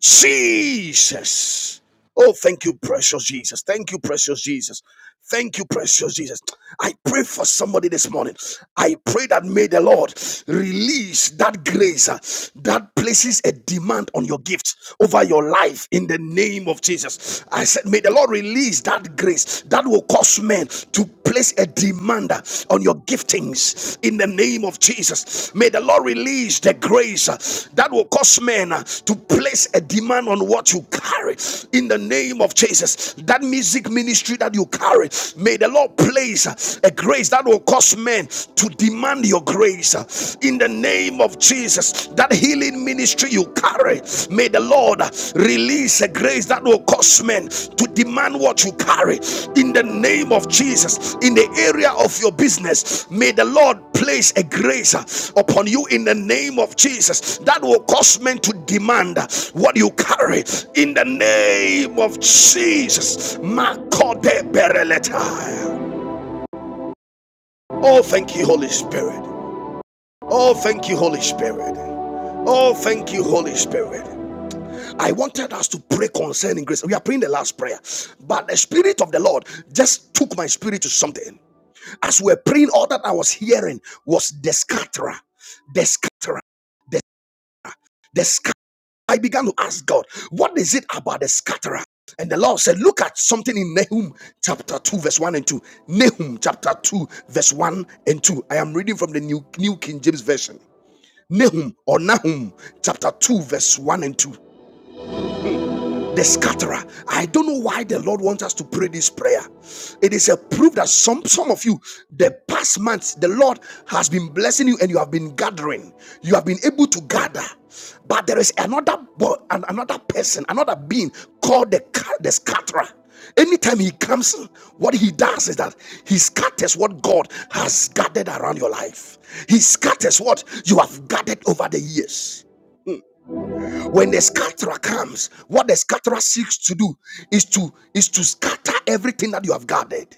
A: Jesus. Oh, thank you, precious Jesus. Thank you, precious Jesus. Thank you, precious Jesus. I pray for somebody this morning. I pray that may the Lord release that grace uh, that places a demand on your gift over your life in the name of Jesus. I said, may the Lord release that grace that will cause men to place a demand on your giftings in the name of Jesus. May the Lord release the grace uh, that will cause men uh, to place a demand on what you carry in the name of Jesus. That music ministry that you carry, may the Lord place uh, a grace that will cause men to demand your grace uh, in the name of Jesus. That healing in ministry you carry. May the Lord release a grace that will cause men to demand what you carry in the name of Jesus. In the area of your business, may the Lord place a grace upon you in the name of Jesus that will cause men to demand what you carry in the name of Jesus. Makode bereleta. Oh, thank you, Holy Spirit. Oh, thank you, Holy Spirit. Oh, thank you, Holy Spirit. I wanted us to pray concerning grace. We are praying the last prayer, but the Spirit of the Lord just took my spirit to something. As we were praying, all that I was hearing was the scatterer, the scatterer, the scatterer. I began to ask God, what is it about the scatterer? And the Lord said, look at something in Nahum chapter 2, verse 1 and 2. Nahum chapter 2, verse 1 and 2. I am reading from the New, New King James Version. Nahum or Nahum chapter 2, verse 1 and 2. the scatterer. I don't know why the Lord wants us to pray this prayer. It is a proof that some some of you, the past months, the Lord has been blessing you and you have been gathering. You have been able to gather, but there is another another person, another being called the the scatterer. Anytime he comes, what he does is that he scatters what God has gathered around your life. He scatters what you have gathered over the years when the scatterer comes what the scatterer seeks to do is to is to scatter everything that you have gathered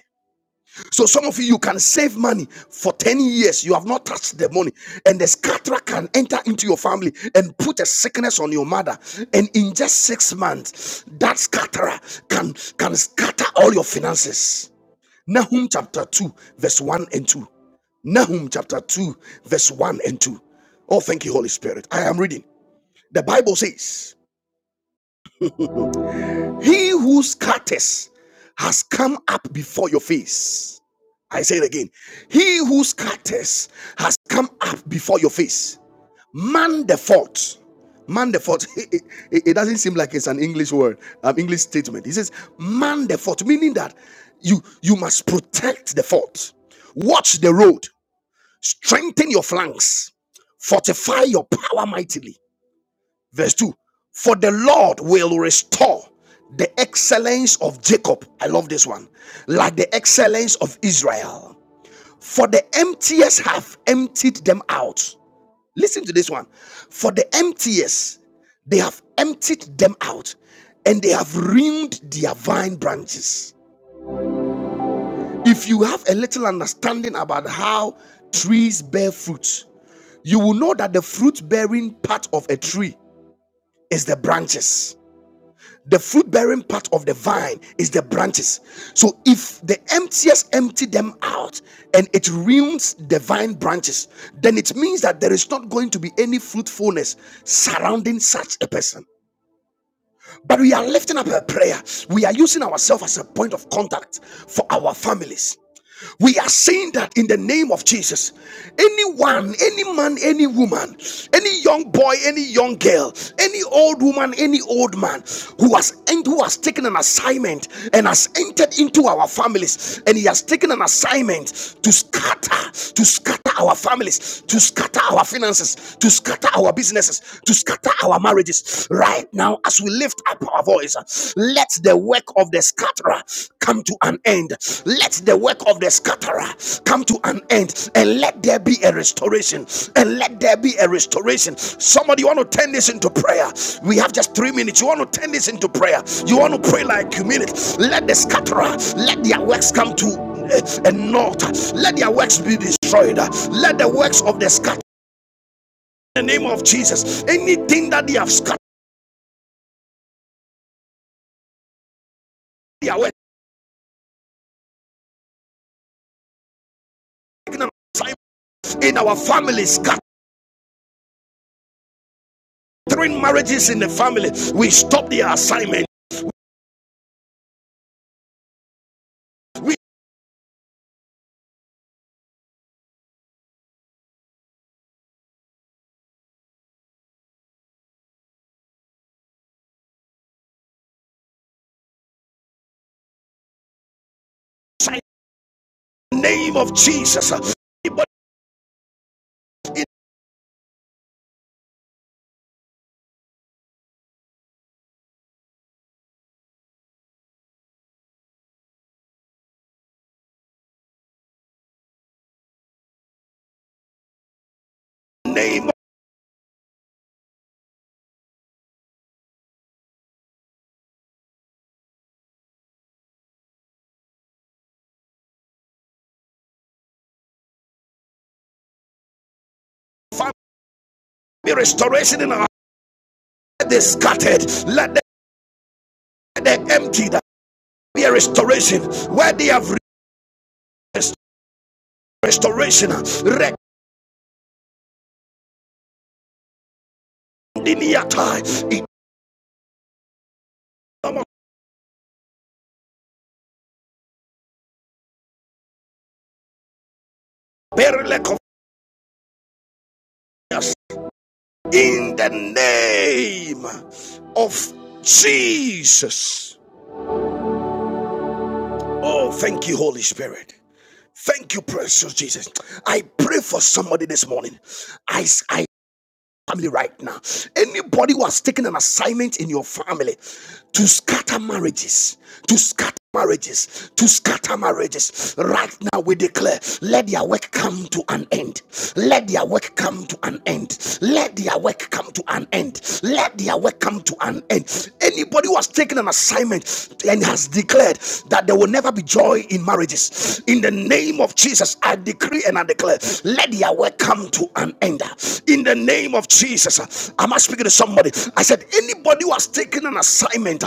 A: so some of you you can save money for 10 years you have not touched the money and the scatterer can enter into your family and put a sickness on your mother and in just 6 months that scatterer can can scatter all your finances nahum chapter 2 verse 1 and 2 Nahum chapter 2, verse 1 and 2. Oh, thank you, Holy Spirit. I am reading. The Bible says. He who scatters has come up before your face. I say it again. He who scatters has come up before your face. Man the fault. Man the fault. It, it it doesn't seem like it's an English word, an English statement. He says, man the fault, meaning that you you must protect the fault. Watch the road. Strengthen your flanks. Fortify your power mightily. Verse 2 For the Lord will restore the excellence of Jacob. I love this one. Like the excellence of Israel. For the emptiest have emptied them out. Listen to this one. For the emptiest, they have emptied them out and they have ruined their vine branches. If you have a little understanding about how trees bear fruit, you will know that the fruit bearing part of a tree is the branches. the fruit bearing part of the vine is the branches. So if the emptiest empty them out and it ruins the vine branches, then it means that there is not going to be any fruitfulness surrounding such a person. But we are lifting up a prayer. We are using ourselves as a point of contact for our families. We are saying that in the name of Jesus, anyone, any man, any woman, any young boy, any young girl, any old woman, any old man who has and who has taken an assignment and has entered into our families and he has taken an assignment to scatter, to scatter our families, to scatter our finances, to scatter our businesses, to scatter our marriages. Right now, as we lift up our voice, let the work of the scatterer come to an end. Let the work of the scatterer come to an end and let there be a restoration and let there be a restoration somebody you want to turn this into prayer we have just three minutes you want to turn this into prayer you want to pray like a minute let the scatterer let their works come to an naught let their works be destroyed let the works of the scatterer in the name of jesus anything that they have scattered their works assignment in our families scattering marriages in the family we stop their assignment we name of Jesus. Anybody in the name of family restoration in our heart, let they scattered, let them be emptied. be a restoration where they have rest- restoration. Rekindiniatai, In the name of Jesus. Oh, thank you, Holy Spirit. Thank you, precious Jesus. I pray for somebody this morning. I. I family right now. Anybody who has taken an assignment in your family to scatter marriages, to scatter marriages, to scatter marriages, right now we declare, let their work come to an end. Let their work come to an end. Let their work come to an end. Let their work come to an end. Anybody who has taken an assignment and has declared that there will never be joy joy in marriages. In the name of Jesus, I decree and I declare, let their work come to an end. In the name of Jesus, am I speaking to somebody? I said, anybody who has taken an assignment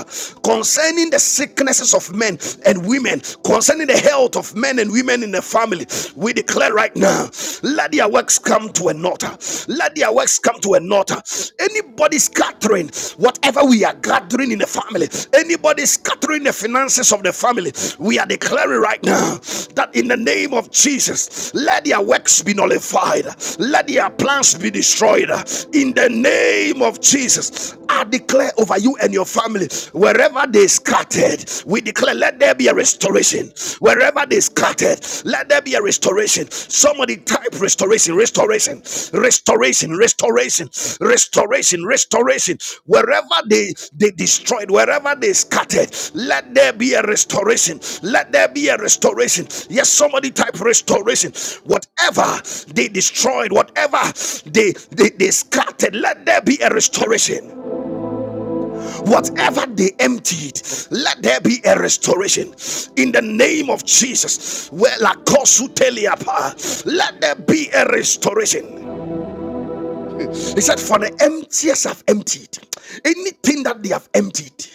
A: concerning the sicknesses of men and women, concerning the health of men and women in the family, we declare right now, let their works come to an altar. Let their works come to an altar. Anybody scattering whatever we are gathering in the family, anybody scattering the finances of the family, we are declaring right now that in the name of Jesus, let their works be nullified, let their plans be destroyed. In the name of Jesus, I declare over you and your family, wherever they scattered, we declare, let there be a restoration. Wherever they scattered, scattered. Let there be a restoration. Somebody type restoration, restoration, restoration, restoration, restoration, restoration. Wherever they, they destroyed, wherever they scattered, let there be a restoration. Let there be a restoration. Yes, somebody type restoration. Whatever they destroyed, whatever they, they, they scattered, let there be a restoration. Whatever they emptied, let there be a restoration in the name of Jesus. Where la kosu Let there be a restoration. He said, For the emptiers have emptied, anything that they have emptied,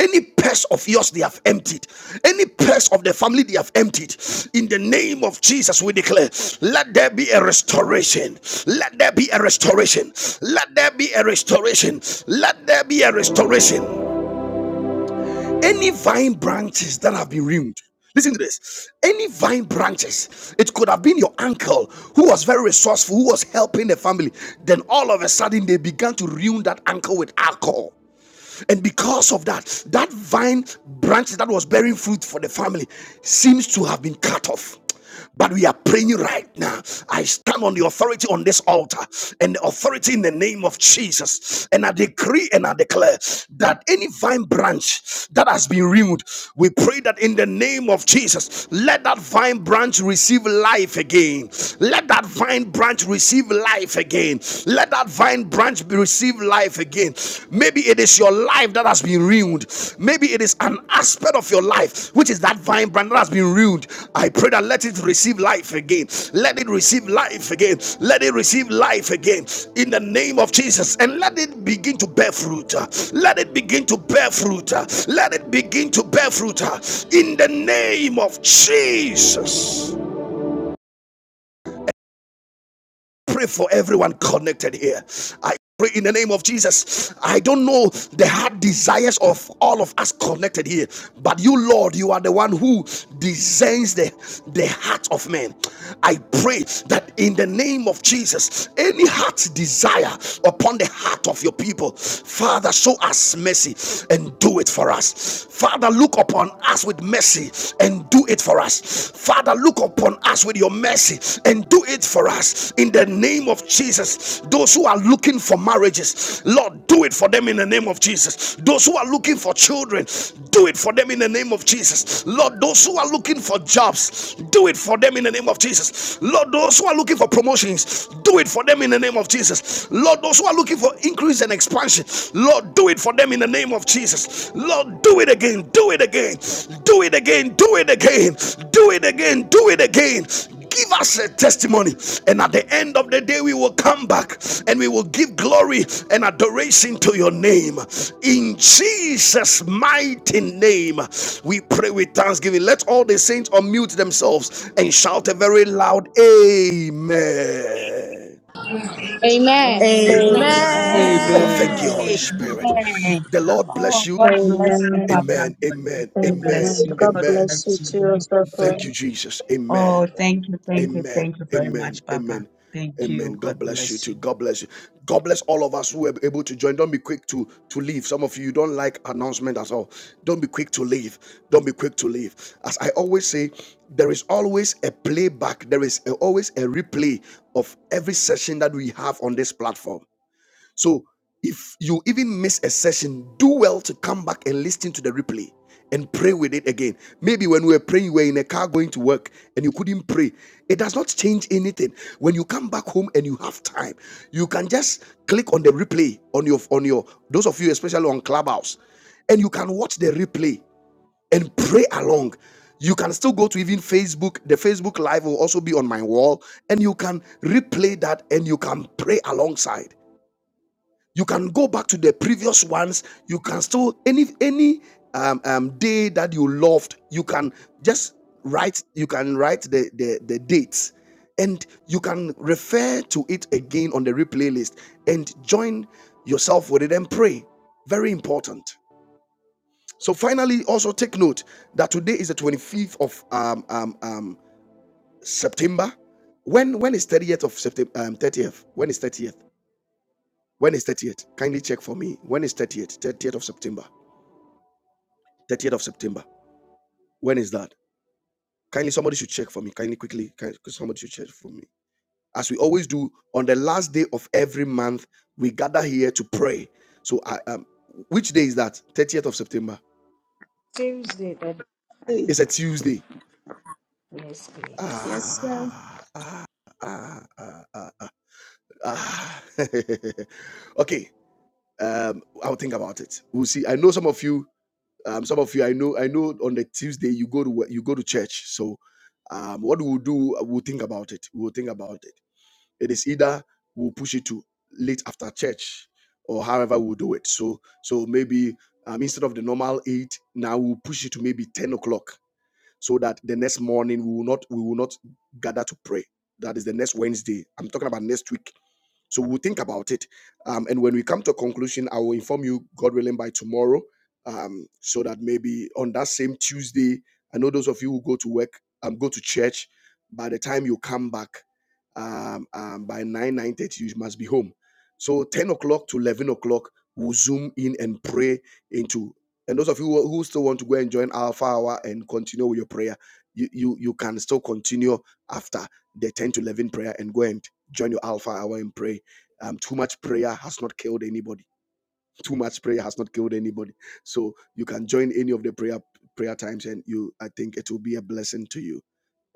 A: any purse of yours they have emptied, any purse of the family they have emptied, in the name of Jesus, we declare, let there be a restoration. Let there be a restoration. Let there be a restoration. Let there be a restoration any vine branches that have been ruined listen to this any vine branches it could have been your uncle who was very resourceful who was helping the family then all of a sudden they began to ruin that uncle with alcohol and because of that, that vine branch that was bearing fruit for the family seems to have been cut off. But we are praying right now. I stand on the authority on this altar and the authority in the name of Jesus. And I decree and I declare that any vine branch that has been removed, we pray that in the name of Jesus, let that vine branch receive life again. Let that vine branch receive life again again. Let that vine branch be receive life again. Maybe it is your life that has been ruined. Maybe it is an aspect of your life, which is that vine branch that has been ruined. I pray that let it receive life again. Let it receive life again. Let it receive life again in the name of Jesus. And let it begin to bear fruit. Let it begin to bear fruit. Let it begin to bear fruit in the name of Jesus. pray for everyone connected here. I pray in the name of Jesus. I don't know the heart desires of all of us connected here, but you, Lord, you are the one who designs the, the heart of man. I pray that in the name of Jesus, any heart desire upon the heart of your people, Father, show us mercy and do it for us. Father, look upon us with mercy and do it for us. Father, look up upon us with your mercy and do it for us in the name of Jesus. Those who are looking for marriages, Lord, do it for them in the name of Jesus. Those who are looking for children, do it for them in the name of Jesus. Lord, those who are looking for jobs, do it for them in the name of Jesus. Lord, those who are looking for promotions, do it for them in the name of Jesus. Lord, those who are looking for increase and expansion, Lord, do it for them in the name of Jesus. Lord, do it again, do it again, do it again, do it again, do it again, do it again. Give us a testimony, and at the end of the day, we will come back and we will give glory and adoration to your name. In Jesus' mighty name, we pray with thanksgiving. Let all the saints unmute themselves and shout a very loud Amen.
D: Amen.
E: Amen.
F: Hey.
G: Amen.
H: Amen.
I: Amen.
A: Oh, thank
J: Amen.
A: you, Holy Spirit.
C: Amen.
A: The Lord bless
C: Oh,
A: you.
C: God bless you, Papa.
I: Amen.
C: God
A: Amen. Amen.
C: really
A: Amen.
C: bless
I: Amen.
C: you.
I: God
C: God
A: Amen.
I: bless you
C: bless you.
I: too,
C: We Need to
I: Apostle.
C: pray.
A: Thank you, Jesus. Amen.
C: Oh, thank you, thank you,
A: Amen.
C: thank you very
A: Amen.
C: much, Papa.
A: Amen.
C: Thank
A: Amen.
C: you.
A: God
C: God
A: bless you
C: bless you.
A: too. God bless you. God bless all of us who were able to join. Don't be quick to to leave. Some of you you don't like announcement at all. Don't be quick to leave. Don't be quick to leave. As I always say, there is always a playback. There is a- always a replay of every session that we have on this platform. So if you even miss a session, do well to come back and listen to the replay and pray with it again. Maybe when we were praying, you were in a car going to work and you couldn't pray. It does not change anything. When you come back home and you have time, you can just click on the replay on your on your those of you especially on Clubhouse, and you can watch the replay and pray along. You can still go to even Facebook. The Facebook Live will also be on my wall, and you can replay that and you can pray alongside you can go back to the previous ones you can still any any um, um day that you loved you can just write you can write the the, the dates and you can refer to it again on the replay list and join yourself with it and pray very important so finally also take note that today is the 25th of um, um, um, september when when is 30th of september um, 30th when is 30th when is 30th? Kindly check for me. When is 30th? 30th of September. 30th of September. When is that? Kindly somebody should check for me. Kindly quickly. Kindly, somebody should check for me. As we always do on the last day of every month, we gather here to pray. So I um which day is that? 30th of September.
E: Tuesday, that
K: Hey,
A: It's a Tuesday.
E: yes, please.
K: Yes, sir.
A: Ah, ah, ah, ah, ah, ah, ah. okay. Um, I'll think about it. We'll see. I know some of you Um, some of you, I know, I know. On the Tuesday, you go to you go to church. So, um, what we'll do, uh, we'll think about it. We'll think about it. It is either we'll push it to late after church, or however we'll do it. So, so maybe um, instead of the normal eight, now we'll push it to maybe ten o'clock, so that the next morning we will not we will not gather to pray. That is the next Wednesday. I'm talking about next week so we'll think about it. Um, and when we come to a conclusion, I will inform you, God willing, by tomorrow, um, so that maybe on that same Tuesday, I know those of you who go to work, um, go to church, by the time you come back, um, um, by 9, 9.30, you must be home. So 10 o'clock to 11 o'clock, we'll zoom in and pray into. And those of you who who still want to go and join Alpha Hour and continue with your prayer, you, you, you can still continue after the 10 to 11 prayer and go and join your Alpha Hour and pray um, too much prayer has not killed anybody. Too much prayer has not killed anybody. So you can join any of the prayer prayer times, and you, I think, it will be a blessing to you.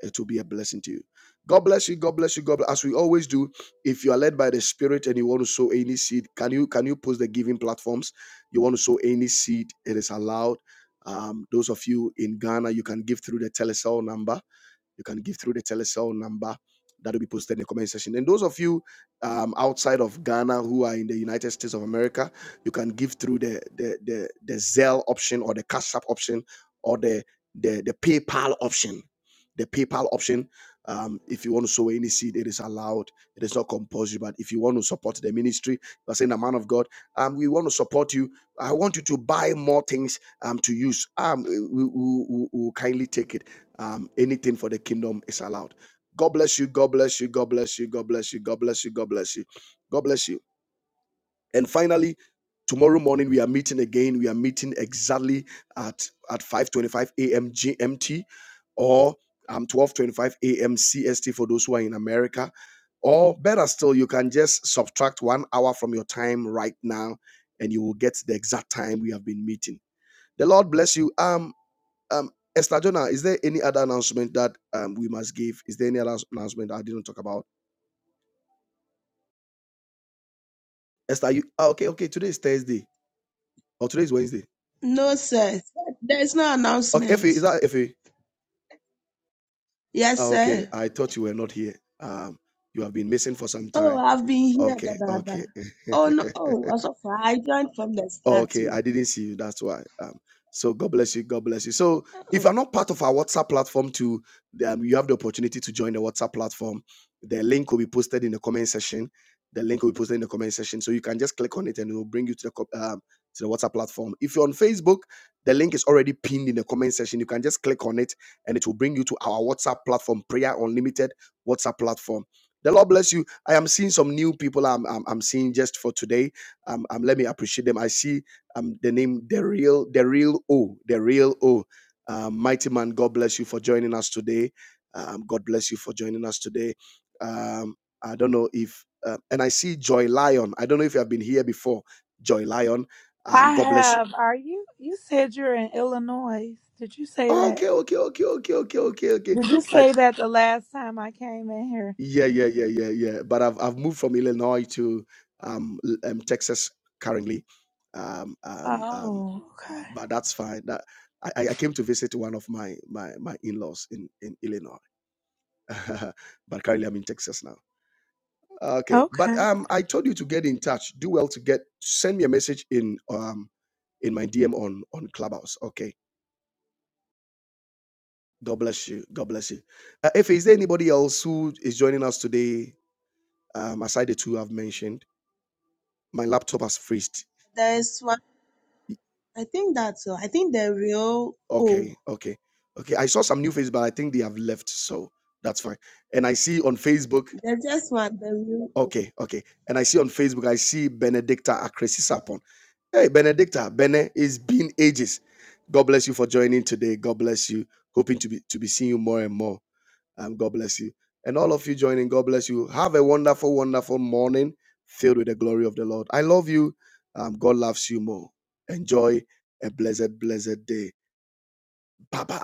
A: It will be a blessing to you. God bless you. God bless you. God bless. As we always do, if you are led by the Spirit and you want to sow any seed, can you can you post the giving platforms? You want to sow any seed? It is allowed. Um, those of you in Ghana, you can give through the telecell number you can give through the telecell number that will be posted in the comment section. And those of you um, outside of Ghana who are in the United States of America, you can give through the the the, the Zelle option or the Cash App option or the the the PayPal option. The PayPal option. Um, if you want to sow any seed, it is allowed. It is not compulsory. But if you want to support the ministry, you are saying, "The man of God, um, we want to support you. I want you to buy more things um to use. Um, we, will we, we we kindly take it." um, anything for the kingdom is allowed. God bless you. God bless you. God bless you. God bless you. God bless you. God bless you. God bless you. And finally, tomorrow morning we are meeting again. We are meeting exactly at at 5:25 a.m. GMT or um 12:25 a.m. CST for those who are in America. Or better still, you can just subtract one hour from your time right now, and you will get the exact time we have been meeting. The Lord bless you. Um, um, Esther Jonah, is there any other announcement that um we must give? Is there any other announcement I didn't talk about? Esther, you ah, okay? Okay, today is Thursday or today is Wednesday.
K: No, sir. There's no
A: Okay, Effie, is
K: announcement.
A: that Effie? Ah,
K: Yes,
A: okay,
K: sir.
A: I thought you were not here. Um, you have been missing for some
K: Oh,
A: time.
K: I've been here, da
A: Okay,
K: da da.
A: okay.
K: Oh no. Oh, also, I joined from the start
A: Okay,
K: too.
A: I didn't see you. That's why. Um, so God bless you. God bless you. So if
K: Uh-uh.
A: you're not part of our WhatsApp platform, too, um, you have the opportunity to join the WhatsApp platform. The link will be posted in the comment section. The link will be posted in the comment section, so you can just click on it and it will bring you to the co- um, to the WhatsApp platform. If you're on Facebook, the link is already pinned in the comment section. You can just click on it and it will bring you to our WhatsApp platform, Prayer Unlimited WhatsApp platform. The Lord bless you. I am seeing some new people. I'm I'm, I'm seeing just for today. Um, um, let me appreciate them. I see um, the name the real the real O the real O. Um, mighty man, God bless you for joining us today. Um, God bless you for joining us today. Um, I don't know if uh, and I see Joy Lion. I don't know if you have been here before, Joy Lion.
L: I
A: Um, God bless you.
L: have. Are you? You said you're in Illinois. Did you say that?
A: Okay, okay, okay, okay, okay, okay, okay.
L: Did you
A: I,
L: say that the last time I came in here?
A: yeah, yeah, yeah, yeah, yeah. But I've I've moved from Illinois to um, L- um Texas currently. Um, um, um,
L: Oh, okay.
A: but that's fine. That I, I came to visit one of my my my in-laws in in Illinois, but currently I'm in Texas now. Okay,
L: Okay.
A: but um, I told you to get in touch. Do well to get send me a message in um in my DM on on Clubhouse. Okay, God bless you. God bless you. Uh, if is there anybody else who is joining us today? Um, aside the two I've mentioned, my laptop has freezed.
K: There's one. I think that's all. I think the real. Oh,
A: Okay, okay, okay. I saw some new faces, but I think they have left, so that's fine. And I see on Facebook
K: there's just one. The real. O.
A: Okay, okay. And I see on Facebook, I see Benedicta Akresisapon. Hey, Benedicta, Bene, it's been ages. God bless you for joining today. God bless you. Hoping to be to be seeing you more and more. Um, God bless you. And all of you joining, God bless you. Have a wonderful, wonderful morning filled with the glory of the Lord. I love you. Um, God loves you more. Enjoy a blessed, blessed day. Bye bye.